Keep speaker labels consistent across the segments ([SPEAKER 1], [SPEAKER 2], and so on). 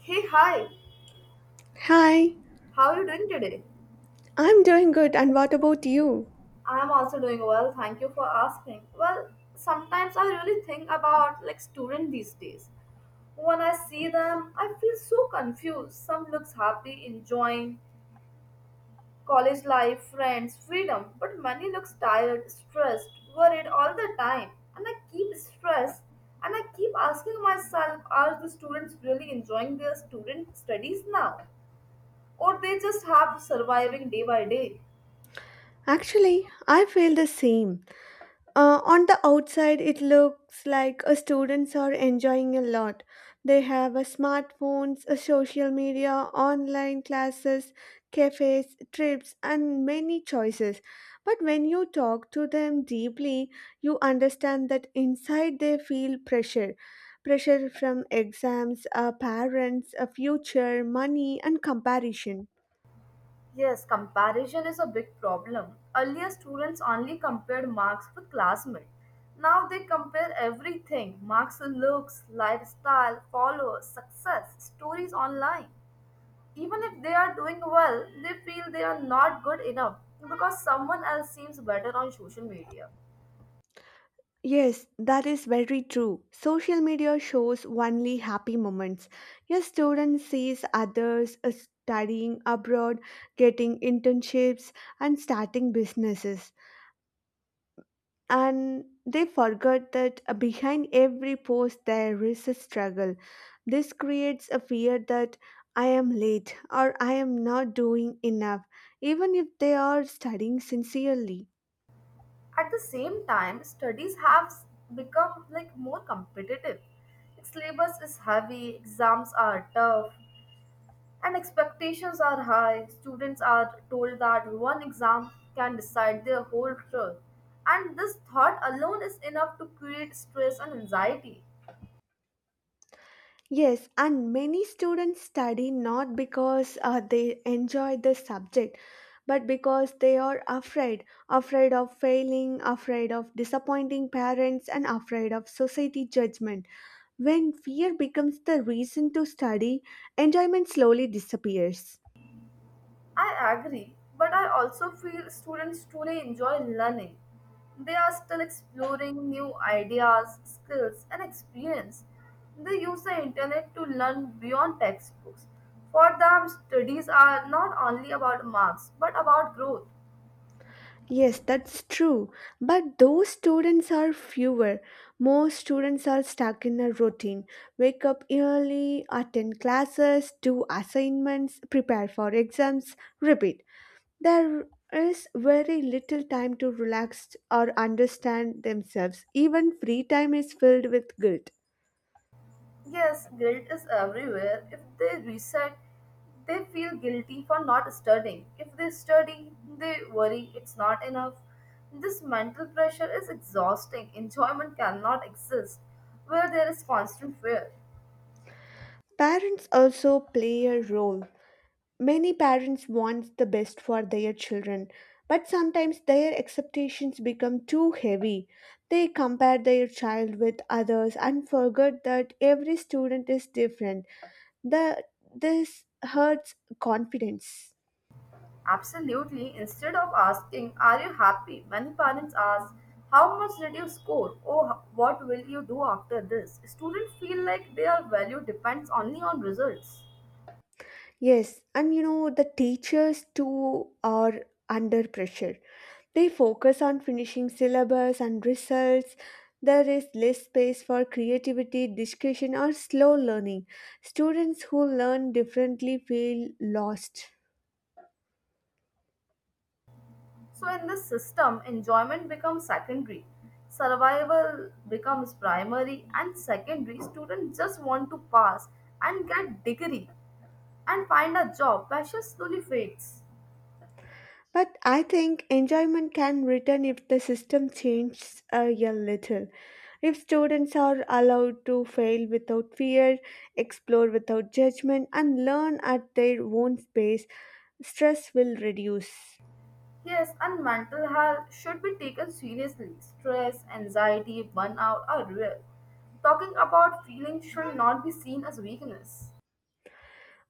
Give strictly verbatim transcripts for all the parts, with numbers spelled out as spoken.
[SPEAKER 1] Hey, hi.
[SPEAKER 2] Hi,
[SPEAKER 1] How are you doing today?
[SPEAKER 2] I'm doing good, and what about you?
[SPEAKER 1] I'm also doing well. Thank you for asking. Well, sometimes I really think about like students these days. When I see them, I feel so confused. Some looks happy, enjoying college life, friends, freedom, but many looks tired, stressed, worried all the time. And I keep stressed and I keep asking myself, are the students really enjoying their student studies now? Or they just have surviving day by day?
[SPEAKER 2] Actually, I feel the same. Uh, on the outside, it looks like uh, students are enjoying a lot. They have uh, smartphones, uh, social media, online classes, cafes, trips, and many choices. But when you talk to them deeply, you understand that inside they feel pressure. Pressure from exams, uh, parents, a future, money, and comparison.
[SPEAKER 1] Yes, comparison is a big problem. Earlier, students only compared marks with classmates. Now they compare everything marks, looks, lifestyle, followers, success, stories online. Even if they are doing well, they feel they are not good enough because someone else seems better on social media.
[SPEAKER 2] Yes, that is very true. Social media shows only happy moments. A student sees others uh, studying abroad, getting internships, and starting businesses. And they forget that uh, behind every post there is a struggle. This creates a fear that I am late or I am not doing enough, even if they are studying sincerely.
[SPEAKER 1] At the same time, studies have become like more competitive. Syllabus is heavy, exams are tough, and expectations are high. Students are told that one exam can decide their whole truth. And this thought alone is enough to create stress and anxiety.
[SPEAKER 2] Yes, and many students study not because uh, they enjoy the subject, but because they are afraid afraid of failing, afraid of disappointing parents, and afraid of society judgment. When fear becomes the reason to study, enjoyment slowly disappears.
[SPEAKER 1] I agree, but I also feel students truly enjoy learning. They are still exploring new ideas, skills, and experience. They use the internet to learn beyond textbooks. For them, studies are not only about marks but about growth.
[SPEAKER 2] Yes, that's true. But those students are fewer. Most students are stuck in a routine. Wake up early, attend classes, do assignments, prepare for exams, repeat. There is very little time to relax or understand themselves. Even free time is filled with guilt.
[SPEAKER 1] Yes, guilt is everywhere. If they reset, they feel guilty for not studying. If they study, they worry it's not enough. This mental pressure is exhausting. Enjoyment cannot exist where there is constant fear.
[SPEAKER 2] Parents also play a role. Many parents want the best for their children, but sometimes their expectations become too heavy. They compare their child with others and forget that every student is different. The, this hurts confidence.
[SPEAKER 1] Absolutely. Instead of asking, "Are you happy?" many parents ask, "How much did you score?" or h- what will you do after this? Students feel like their value depends only on results.
[SPEAKER 2] Yes, and you know, the teachers too are under pressure. They focus on finishing syllabus and results. There is less space for creativity, discussion, or slow learning. Students who learn differently feel lost.
[SPEAKER 1] So, in this system, enjoyment becomes secondary, survival becomes primary and secondary. Students just want to pass and get degree and find a job. Passion slowly fades.
[SPEAKER 2] But I think enjoyment can return if the system changes uh, a little. If students are allowed to fail without fear, explore without judgment, and learn at their own pace, stress will reduce.
[SPEAKER 1] Yes, and mental health should be taken seriously. Stress, anxiety, burnout are real. Talking about feelings should not be seen as weakness.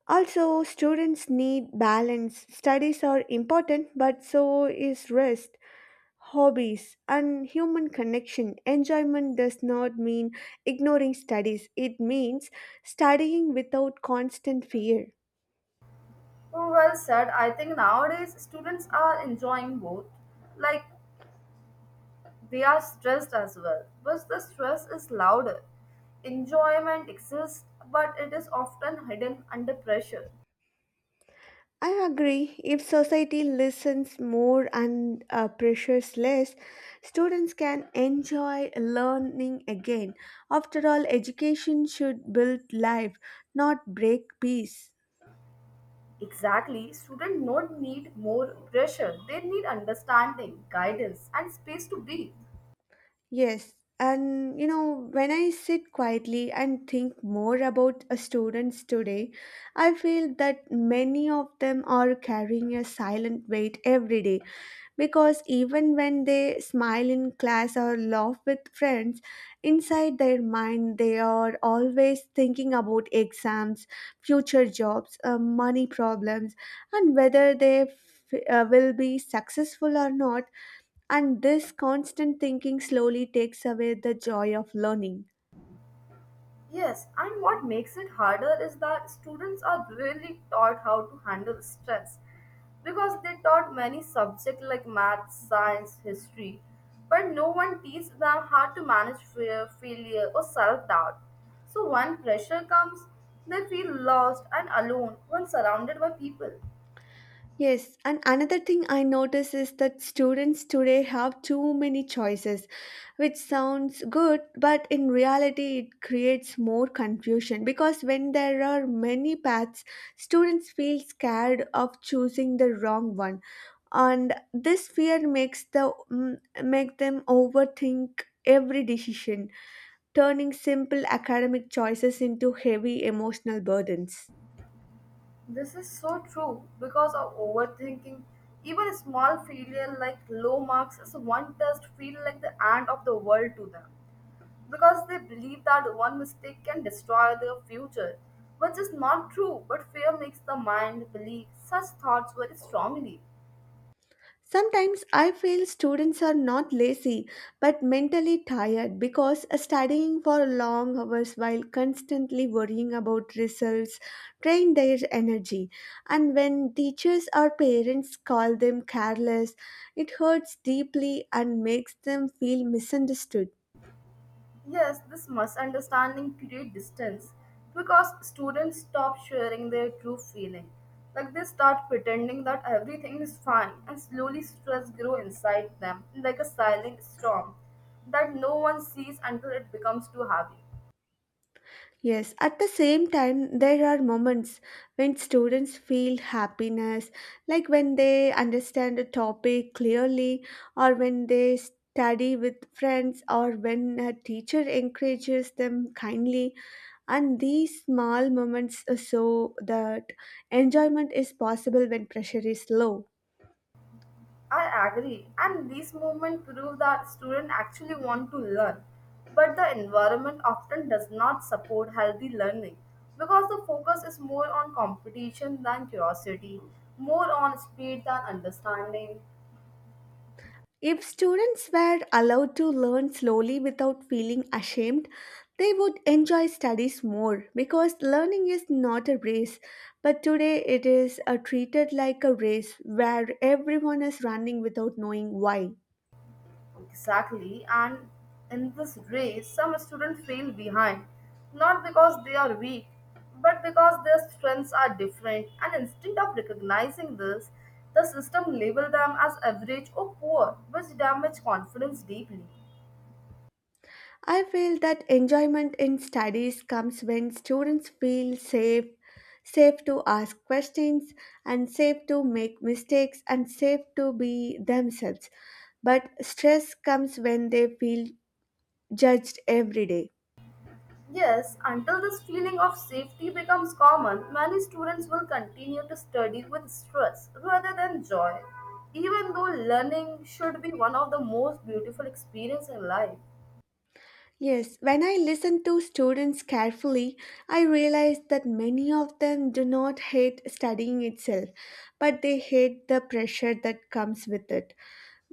[SPEAKER 2] Also, students need balance. Studies are important, but so is rest, hobbies, and human connection. Enjoyment does not mean ignoring studies, it means studying without constant fear.
[SPEAKER 1] Oh, well said. I think nowadays students are enjoying both. Like we are stressed as well, but the stress is louder. Enjoyment exists, but it is often hidden under pressure.
[SPEAKER 2] I agree. If society listens more and uh, pressures less, students can enjoy learning again. After all, education should build life, not break peace.
[SPEAKER 1] Exactly, students don't need more pressure, they need understanding, guidance, and space to breathe.
[SPEAKER 2] Yes, and you know, when I sit quietly and think more about uh, students today, I feel that many of them are carrying a silent weight every day because even when they smile in class or laugh with friends, inside their mind they are always thinking about exams, future jobs, uh, money problems, and whether they f- uh, will be successful or not, and this constant thinking slowly takes away the joy of learning.
[SPEAKER 1] Yes, and what makes it harder is that students are really taught how to handle stress because they taught many subjects like math, science, history, but no one teaches them how to manage fear, failure, or self doubt. So when pressure comes, they feel lost and alone when surrounded by people.
[SPEAKER 2] Yes, and another thing I notice is that students today have too many choices, which sounds good, but in reality, it creates more confusion because when there are many paths, students feel scared of choosing the wrong one, and this fear makes the mm, make them overthink every decision, turning simple academic choices into heavy emotional burdens.
[SPEAKER 1] This is so true because of overthinking. Even a small failure like low marks as one test feel like the end of the world to them, because they believe that one mistake can destroy their future, which is not true, but fear makes the mind believe such thoughts very strongly.
[SPEAKER 2] Sometimes I feel students are not lazy but mentally tired because studying for long hours while constantly worrying about results drain their energy. And when teachers or parents call them careless, it hurts deeply and makes them feel misunderstood.
[SPEAKER 1] Yes, this misunderstanding creates distance because students stop sharing their true feeling. Like they start pretending that everything is fine and slowly stress grow inside them like a silent storm that no one sees until it becomes too heavy.
[SPEAKER 2] Yes, at the same time, there are moments when students feel happiness, like when they understand a topic clearly, or when they study with friends, or when a teacher encourages them kindly. And these small moments show that enjoyment is possible when pressure is low.
[SPEAKER 1] I agree, and these movements prove that students actually want to learn, but the environment often does not support healthy learning because the focus is more on competition than curiosity, more on speed than understanding.
[SPEAKER 2] If students were allowed to learn slowly without feeling ashamed, they would enjoy studies more because learning is not a race. But today it is uh, treated like a race where everyone is running without knowing why.
[SPEAKER 1] Exactly, and in this race, some students feel behind, not because they are weak, but because their strengths are different. And instead of recognizing this, the system label them as average or poor, which damage confidence deeply.
[SPEAKER 2] I feel that enjoyment in studies comes when students feel safe, safe to ask questions, and safe to make mistakes, and safe to be themselves. But stress comes when they feel judged every day.
[SPEAKER 1] Yes, until this feeling of safety becomes common, many students will continue to study with stress rather than joy, even though learning should be one of the most beautiful experiences in life.
[SPEAKER 2] Yes, when I listen to students carefully, I realize that many of them do not hate studying itself, but they hate the pressure that comes with it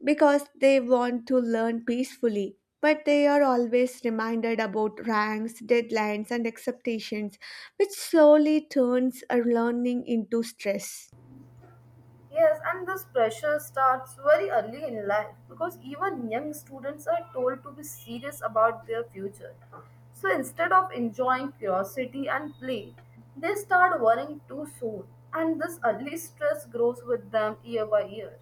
[SPEAKER 2] because they want to learn peacefully. But they are always reminded about ranks, deadlines, and expectations, which slowly turns a learning into stress.
[SPEAKER 1] Yes, and this pressure starts very early in life because even young students are told to be serious about their future. So instead of enjoying curiosity and play, they start worrying too soon, and this early stress grows with them year by year.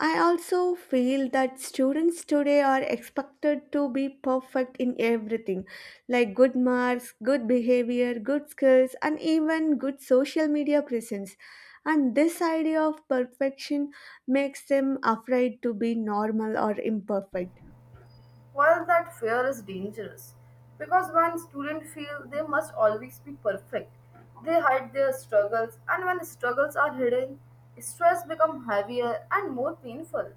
[SPEAKER 2] I also feel that students today are expected to be perfect in everything, like good marks, good behavior, good skills, and even good social media presence. And this idea of perfection makes them afraid to be normal or imperfect.
[SPEAKER 1] While that fear is dangerous because when students feel they must always be perfect, they hide their struggles, and when struggles are hidden, stress becomes heavier and more painful.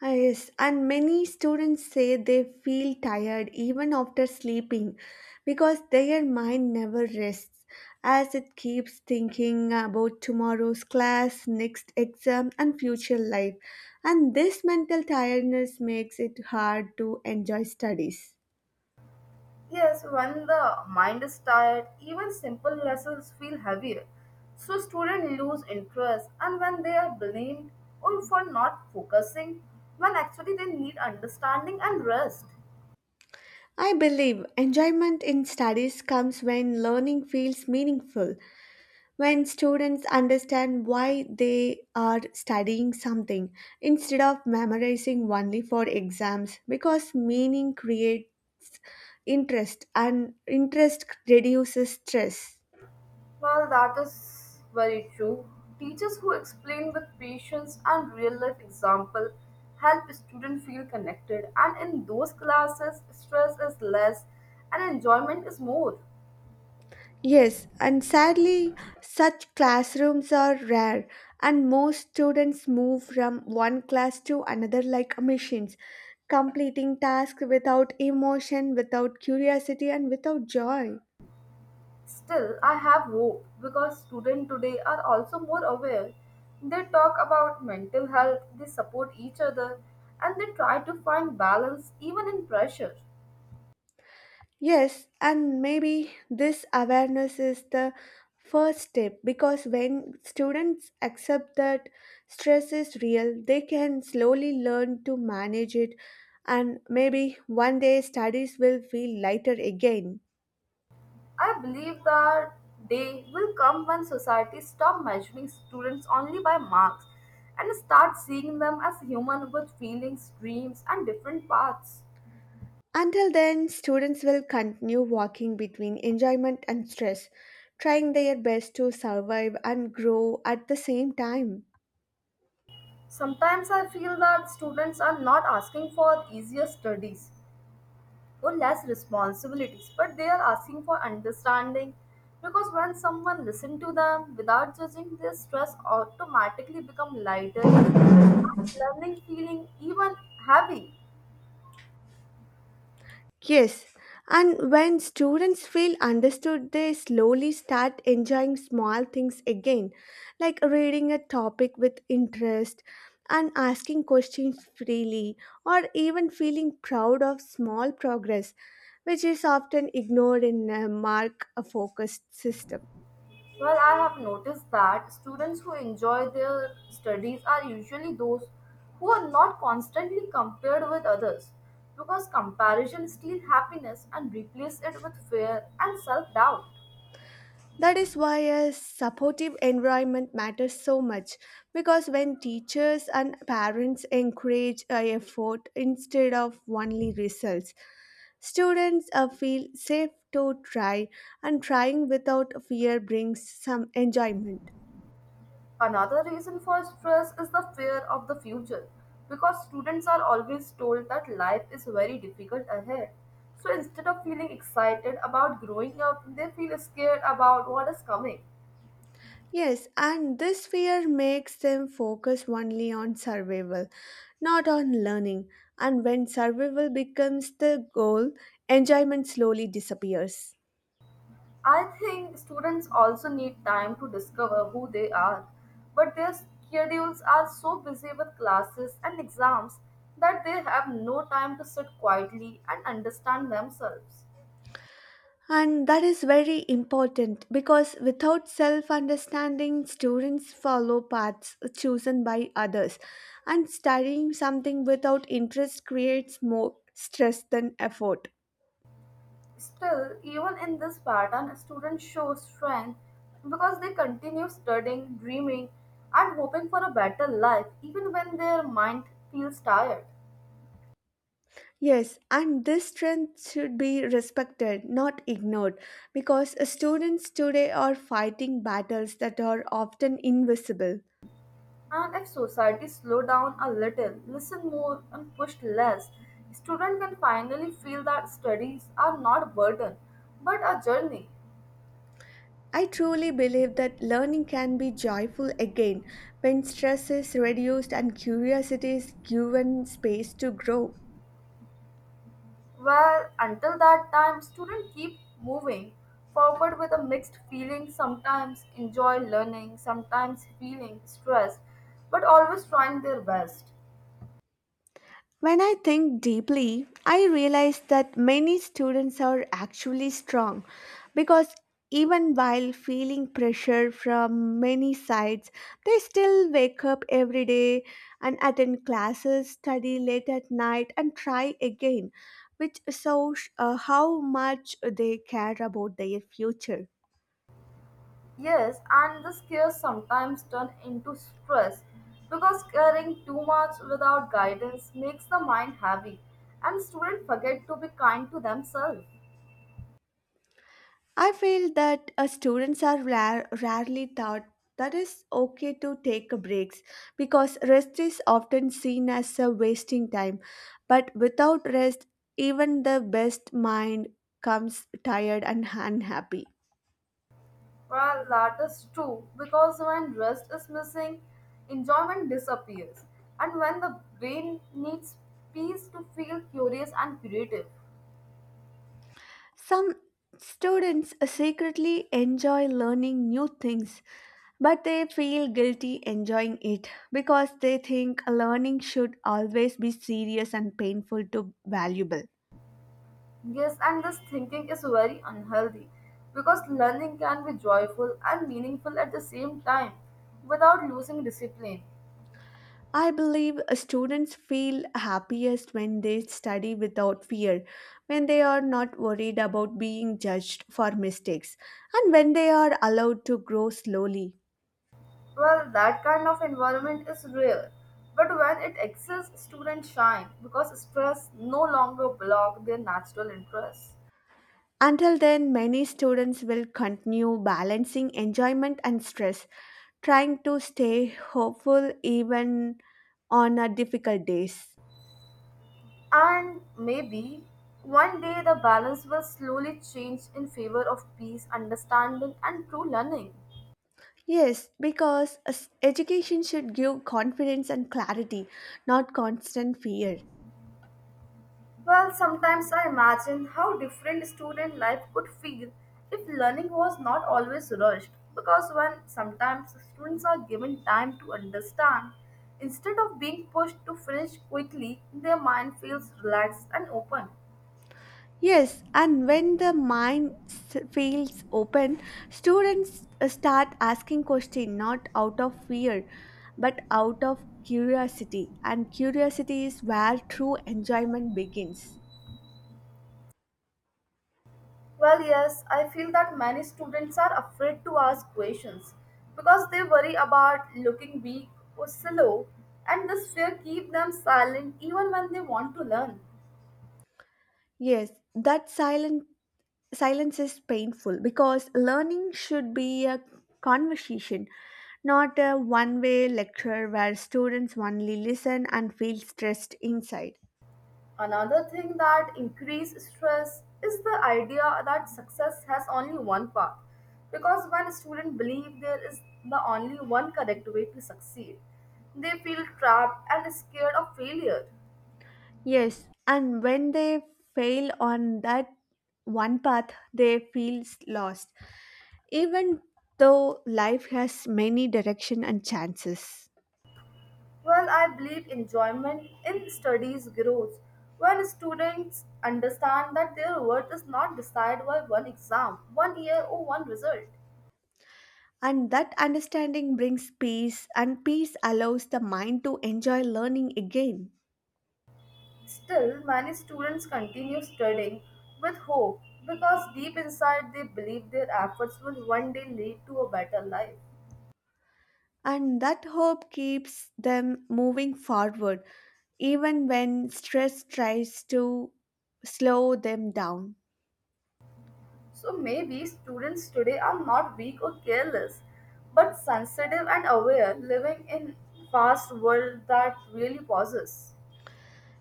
[SPEAKER 2] Ah, Yes, and many students say they feel tired even after sleeping because their mind never rests as it keeps thinking about tomorrow's class, next exam, and future life. And this mental tiredness makes it hard to enjoy studies.
[SPEAKER 1] Yes, when the mind is tired, even simple lessons feel heavier. So students lose interest and when they are blamed or for not focusing, when actually they need understanding and rest.
[SPEAKER 2] I believe enjoyment in studies comes when learning feels meaningful, when students understand why they are studying something instead of memorizing only for exams, because meaning creates interest and interest reduces stress.
[SPEAKER 1] Well, that is very true. Teachers who explain with patience and real life example help students feel connected and in those classes stress is less and enjoyment is more.
[SPEAKER 2] Yes, and sadly such classrooms are rare, and most students move from one class to another like machines, completing tasks without emotion, without curiosity, and without joy.
[SPEAKER 1] Still, I have hope because students today are also more aware. They talk about mental health, they support each other, and they try to find balance even in pressure.
[SPEAKER 2] Yes, and maybe this awareness is the first step, because when students accept that stress is real, they can slowly learn to manage it, and maybe one day studies will feel lighter again.
[SPEAKER 1] I believe that day will come when society stop measuring students only by marks and start seeing them as human with feelings, dreams, and different paths.
[SPEAKER 2] Until then, students will continue walking between enjoyment and stress, trying their best to survive and grow at the same time.
[SPEAKER 1] Sometimes I feel that students are not asking for easier studies or less responsibilities, but they are asking for understanding because when someone listens to them without judging, their stress automatically become lighter and learning feeling even heavy.
[SPEAKER 2] Yes, and when students feel understood, they slowly start enjoying small things again, like reading a topic with interest and asking questions freely, or even feeling proud of small progress, which is often ignored in a mark focused system.
[SPEAKER 1] Well, I have noticed that students who enjoy their studies are usually those who are not constantly compared with others because comparison steals happiness and replaces it with fear and self doubt.
[SPEAKER 2] That is why a supportive environment matters so much, because when teachers and parents encourage uh, effort instead of only results, students uh, feel safe to try, and trying without fear brings some enjoyment.
[SPEAKER 1] Another reason for stress is the fear of the future because students are always told that life is very difficult ahead. So instead of feeling excited about growing up, they feel scared about what is coming.
[SPEAKER 2] Yes, and this fear makes them focus only on survival, not on learning. And when survival becomes the goal, enjoyment slowly disappears.
[SPEAKER 1] I think students also need time to discover who they are, but their schedules are so busy with classes and exams that they have no time to sit quietly and understand themselves.
[SPEAKER 2] And that is very important because without self understanding, students follow paths chosen by others, and studying something without interest creates more stress than effort.
[SPEAKER 1] Still, even in this pattern, students show strength because they continue studying, dreaming, and hoping for a better life even when their mind feels tired.
[SPEAKER 2] Yes, and this strength should be respected, not ignored, because students today are fighting battles that are often invisible.
[SPEAKER 1] And if society slow down a little, listen more, and push less, students can finally feel that studies are not burden but a journey.
[SPEAKER 2] I truly believe that learning can be joyful again when stress is reduced and curiosity is given space to grow.
[SPEAKER 1] Well, until that time, students keep moving forward with a mixed feeling, sometimes enjoy learning, sometimes feeling stressed, but always trying their best.
[SPEAKER 2] When I think deeply, I realize that many students are actually strong because even while feeling pressure from many sides, they still wake up every day and attend classes, study late at night, and try again, which shows uh, how much they care about their future.
[SPEAKER 1] Yes, and the scares sometimes turn into stress because caring too much without guidance makes the mind heavy and students forget to be kind to themselves.
[SPEAKER 2] I feel that uh, students are rar- rarely taught that it's okay to take breaks because rest is often seen as a wasting time. But without rest, even the best mind comes tired and unhappy.
[SPEAKER 1] Well, that is true because when rest is missing, enjoyment disappears. And when the brain needs peace to feel curious and creative.
[SPEAKER 2] Some students secretly enjoy learning new things, but they feel guilty enjoying it because they think learning should always be serious and painful to valuable.
[SPEAKER 1] Yes, and this thinking is very unhealthy because learning can be joyful and meaningful at the same time without losing discipline.
[SPEAKER 2] I believe uh, students feel happiest when they study without fear, when they are not worried about being judged for mistakes, and when they are allowed to grow slowly.
[SPEAKER 1] Well, that kind of environment is rare. But when it exists, students shine because stress no longer blocks their natural interests.
[SPEAKER 2] Until then, many students will continue balancing enjoyment and stress, trying to stay hopeful even on our difficult days.
[SPEAKER 1] And maybe one day the balance will slowly change in favor of peace, understanding, and true learning.
[SPEAKER 2] Yes, because as- education should give confidence and clarity, not constant fear.
[SPEAKER 1] Well, sometimes I imagine how different student life could feel if learning was not always rushed. Because when sometimes students are given time to understand, instead of being pushed to finish quickly, their mind feels relaxed and open.
[SPEAKER 2] Yes, and when the mind s- feels open, students uh, start asking questions not out of fear but out of curiosity, and curiosity is where true enjoyment begins.
[SPEAKER 1] Well, yes, I feel that many students are afraid to ask questions because they worry about looking weak or slow, and this fear keeps them silent even when they want to learn.
[SPEAKER 2] Yes, that silent silence is painful because learning should be a conversation, not a one-way lecture where students only listen and feel stressed inside.
[SPEAKER 1] Another thing that increases stress is the idea that success has only one path because when students believe there is the only one correct way to succeed, they feel trapped and scared of failure.
[SPEAKER 2] Yes, and when they fail on that one path, they feel lost, even though life has many direction and chances.
[SPEAKER 1] Well, I believe enjoyment in studies grows when students understand that their worth is not decided by one exam, one year, or one result.
[SPEAKER 2] And that understanding brings peace, and peace allows the mind to enjoy learning again.
[SPEAKER 1] Still, many students continue studying with hope because deep inside they believe their efforts will one day lead to a better life.
[SPEAKER 2] And that hope keeps them moving forward, even when stress tries to slow them down.
[SPEAKER 1] So maybe students today are not weak or careless, but sensitive and aware, living in fast world that really pauses.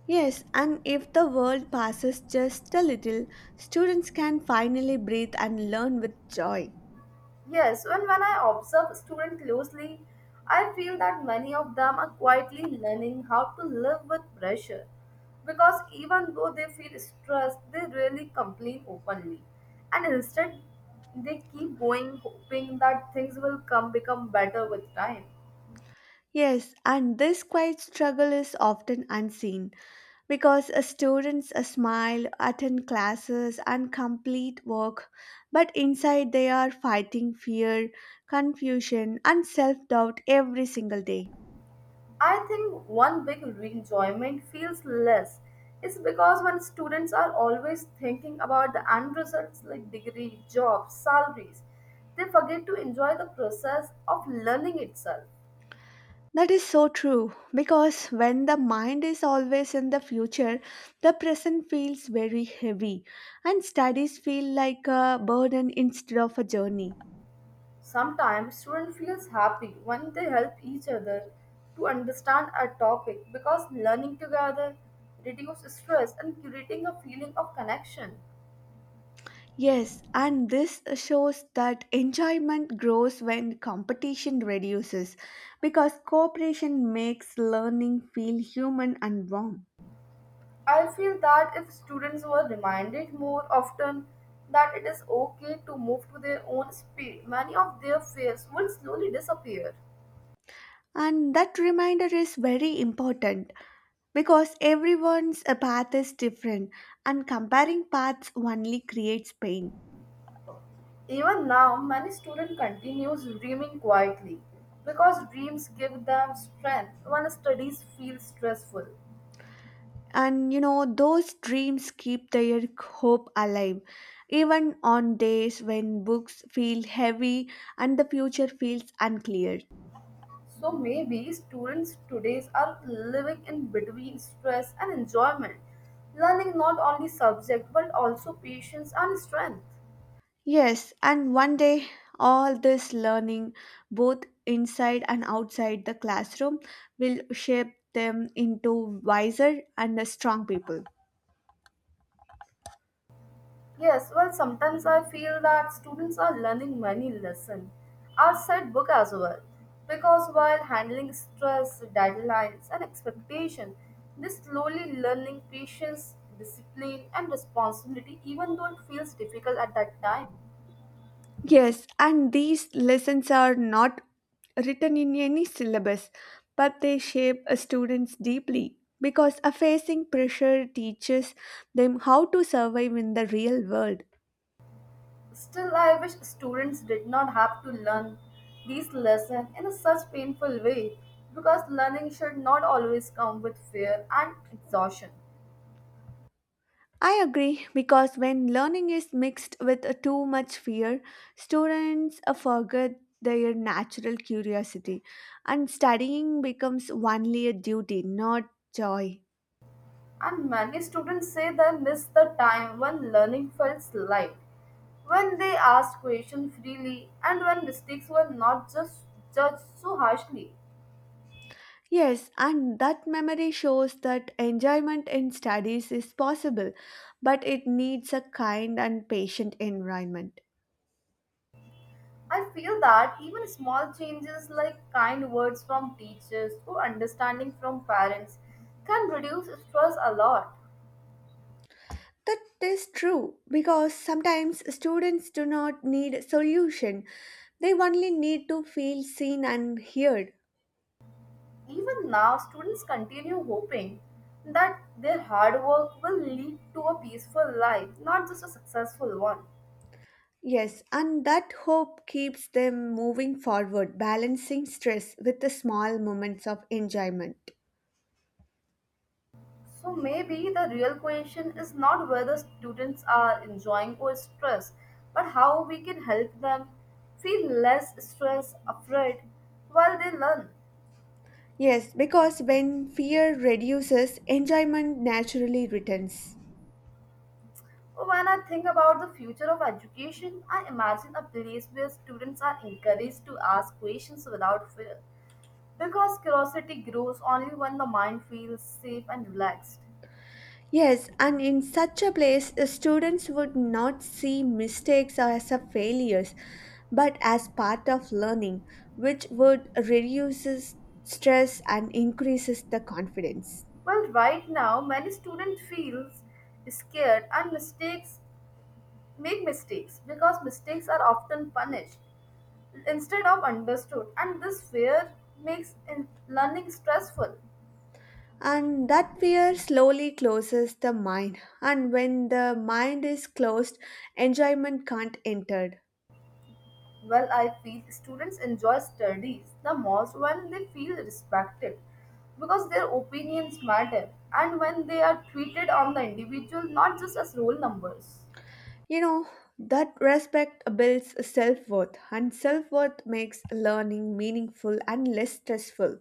[SPEAKER 2] Yes, and if the world passes just a little, students can finally breathe and learn with joy.
[SPEAKER 1] Yes, and when I observe students closely, I feel that many of them are quietly learning how to live with pressure because even though they feel stressed, they rarely complain openly. And instead, they keep going, hoping that things will come become better with time.
[SPEAKER 2] Yes, and this quiet struggle is often unseen because a students a smile, attend classes and complete work, but inside they are fighting fear, confusion and self-doubt every single day.
[SPEAKER 1] I think one big enjoyment feels less is because when students are always thinking about the end results like degree, jobs, salaries, they forget to enjoy the process of learning itself.
[SPEAKER 2] That is so true because when the mind is always in the future, the present feels very heavy and studies feel like a burden instead of a journey.
[SPEAKER 1] Sometimes student feels happy when they help each other to understand a topic because learning together reduces stress and creating a feeling of connection.
[SPEAKER 2] Yes, and this shows that enjoyment grows when competition reduces because cooperation makes learning feel human and warm.
[SPEAKER 1] I feel that if students were reminded more often that it is okay to move to their own speed, many of their fears would slowly disappear.
[SPEAKER 2] And that reminder is very important because everyone's uh, path is different and comparing paths only creates pain.
[SPEAKER 1] Even now, many students continue dreaming quietly because dreams give them strength when studies feel stressful.
[SPEAKER 2] And you know, those dreams keep their hope alive even on days when books feel heavy and the future feels unclear.
[SPEAKER 1] So maybe students today are living in between stress and enjoyment, learning not only subject but also patience and strength.
[SPEAKER 2] Yes, and one day all this learning, both inside and outside the classroom, will shape them into wiser and strong people.
[SPEAKER 1] Yes, well, sometimes I feel that students are learning many lessons outside book as well. Because while handling stress, deadlines, and expectation, they slowly learning patience, discipline, and responsibility, even though it feels difficult at that time.
[SPEAKER 2] Yes, and these lessons are not written in any syllabus, but they shape a students deeply because a facing pressure teaches them how to survive in the real world.
[SPEAKER 1] Still, I wish students did not have to learn these lessons in a such painful way because learning should not always come with fear and exhaustion.
[SPEAKER 2] I agree because when learning is mixed with uh, too much fear, students uh, forget their natural curiosity and studying becomes only a duty, not joy.
[SPEAKER 1] And many students say they miss the time when learning felt light, when they asked questions freely, and when mistakes were not just judged so harshly.
[SPEAKER 2] Yes, and that memory shows that enjoyment in studies is possible, but it needs a kind and patient environment.
[SPEAKER 1] I feel that even small changes like kind words from teachers or understanding from parents can reduce stress a lot.
[SPEAKER 2] That is true because sometimes students do not need a solution, they only need to feel seen and heard.
[SPEAKER 1] Even now, students continue hoping that their hard work will lead to a peaceful life, not just a successful one.
[SPEAKER 2] Yes, and that hope keeps them moving forward, balancing stress with the small moments of enjoyment.
[SPEAKER 1] So maybe the real question is not whether students are enjoying or stressed, but how we can help them feel less stress, afraid while they learn.
[SPEAKER 2] Yes, because when fear reduces, enjoyment naturally returns.
[SPEAKER 1] When I think about the future of education, I imagine a place where students are encouraged to ask questions without fear, because curiosity grows only when the mind feels safe and relaxed.
[SPEAKER 2] Yes, and in such a place, the students would not see mistakes as a failures, but as part of learning, which would reduces stress and increases the confidence.
[SPEAKER 1] Well, right now, many students feel scared and mistakes make mistakes because mistakes are often punished instead of understood, and this fear makes in- learning stressful.
[SPEAKER 2] And that fear slowly closes the mind, and when the mind is closed, enjoyment can't enter.
[SPEAKER 1] Well, I feel students enjoy studies the most when they feel respected, because their opinions matter and when they are treated on the individual, not just as roll numbers.
[SPEAKER 2] You know, that respect builds self worth, and self worth makes learning meaningful and less stressful.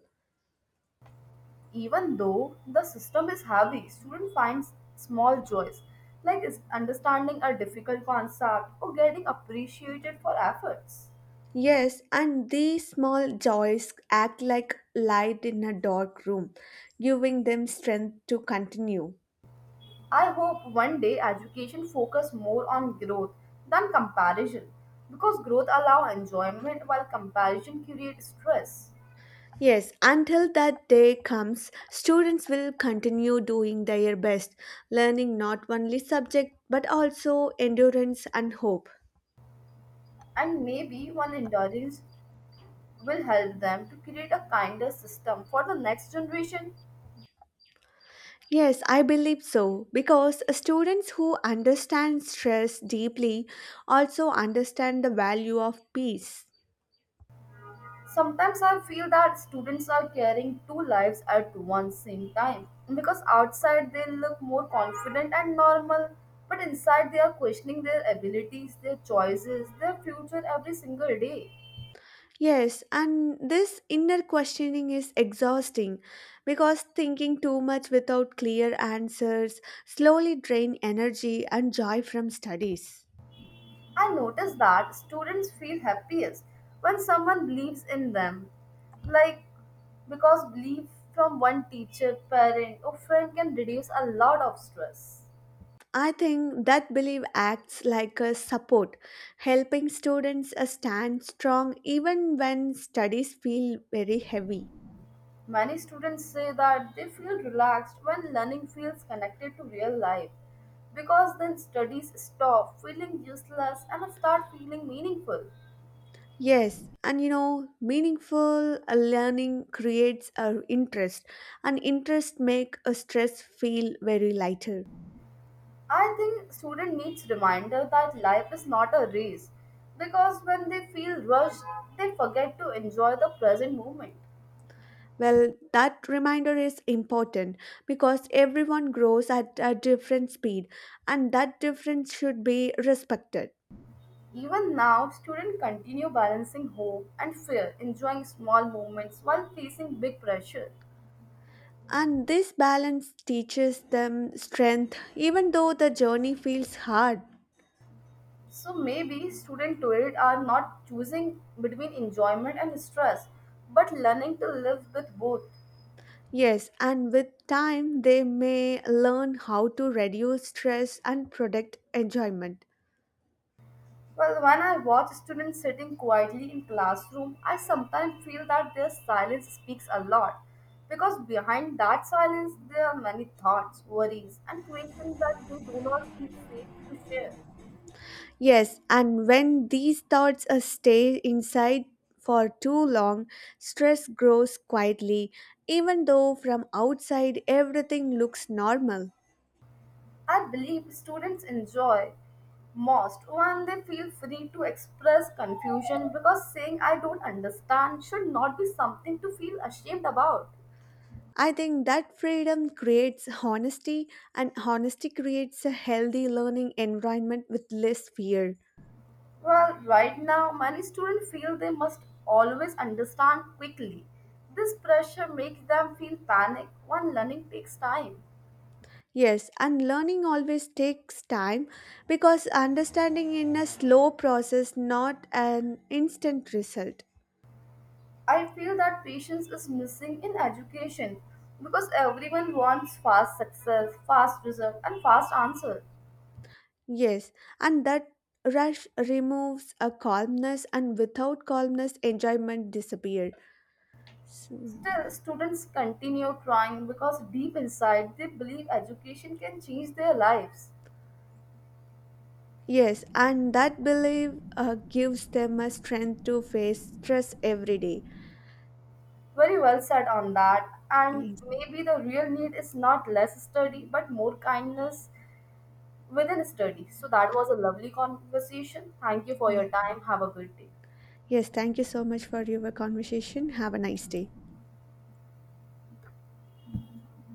[SPEAKER 1] Even though the system is heavy, student finds small joys like is- understanding a difficult concept or getting appreciated for efforts.
[SPEAKER 2] Yes, and these small joys act like light in a dark room, giving them strength to continue.
[SPEAKER 1] I hope one day education focus more on growth than comparison, because growth allow enjoyment while comparison creates stress.
[SPEAKER 2] Yes, until that day comes, students will continue doing their best, learning not only subject but also endurance and hope.
[SPEAKER 1] And maybe one indulgence will help them to create a kinder system for the next generation.
[SPEAKER 2] Yes, I believe so because students who understand stress deeply also understand the value of peace.
[SPEAKER 1] Sometimes I feel that students are carrying two lives at one same time, because outside they look more confident and normal, but inside they are questioning their abilities, their choices, their future every single day.
[SPEAKER 2] Yes, and this inner questioning is exhausting because thinking too much without clear answers slowly drain energy and joy from studies.
[SPEAKER 1] I notice that students feel happiest when someone believes in them. Like, because belief from one teacher, parent, or friend can reduce a lot of stress.
[SPEAKER 2] I think that belief acts like a support, helping students uh, stand strong even when studies feel very heavy.
[SPEAKER 1] Many students say that they feel relaxed when learning feels connected to real life, because then studies stop feeling useless and start feeling meaningful.
[SPEAKER 2] Yes, and you know, meaningful uh, learning creates a interest, and interest make a stress feel very lighter.
[SPEAKER 1] I think student needs reminder that life is not a race, because when they feel rushed, they forget to enjoy the present moment.
[SPEAKER 2] Well, that reminder is important because everyone grows at a different speed, and that difference should be respected.
[SPEAKER 1] Even now, students continue balancing hope and fear, enjoying small moments while facing big pressure.
[SPEAKER 2] And this balance teaches them strength, even though the journey feels hard.
[SPEAKER 1] So maybe student today are not choosing between enjoyment and stress, but learning to live with both.
[SPEAKER 2] Yes, and with time, they may learn how to reduce stress and protect enjoyment.
[SPEAKER 1] Well, when I watch students sitting quietly in classroom, I sometimes feel that their silence speaks a lot, because behind that silence there are many thoughts, worries, and questions that they do not feel safe to share.
[SPEAKER 2] Yes, and when these thoughts uh, stay inside for too long, stress grows quietly, even though from outside everything looks normal.
[SPEAKER 1] I believe students enjoy most when they feel free to express confusion, because saying I don't understand should not be something to feel ashamed about.
[SPEAKER 2] I think that freedom creates honesty, and honesty creates a healthy learning environment with less fear.
[SPEAKER 1] Well, right now, many students feel they must always understand quickly. This pressure makes them feel panic when learning takes time.
[SPEAKER 2] Yes, and learning always takes time because understanding in a slow process, not an instant result.
[SPEAKER 1] I feel that patience is missing in education because everyone wants fast success, fast result, and fast answer.
[SPEAKER 2] Yes, and that rush removes a calmness, and without calmness, enjoyment disappears. So,
[SPEAKER 1] Still, students continue trying because deep inside they believe education can change their lives.
[SPEAKER 2] yes, and that belief uh, gives them a strength to face stress every day.
[SPEAKER 1] Very well said on that. And
[SPEAKER 2] Yes,
[SPEAKER 1] maybe the real need is not less study but more kindness within studies. So that was a lovely conversation. Thank you for
[SPEAKER 2] yes.
[SPEAKER 1] your time. Have a good day.
[SPEAKER 2] Yes, thank you so much for your conversation. Have a nice day.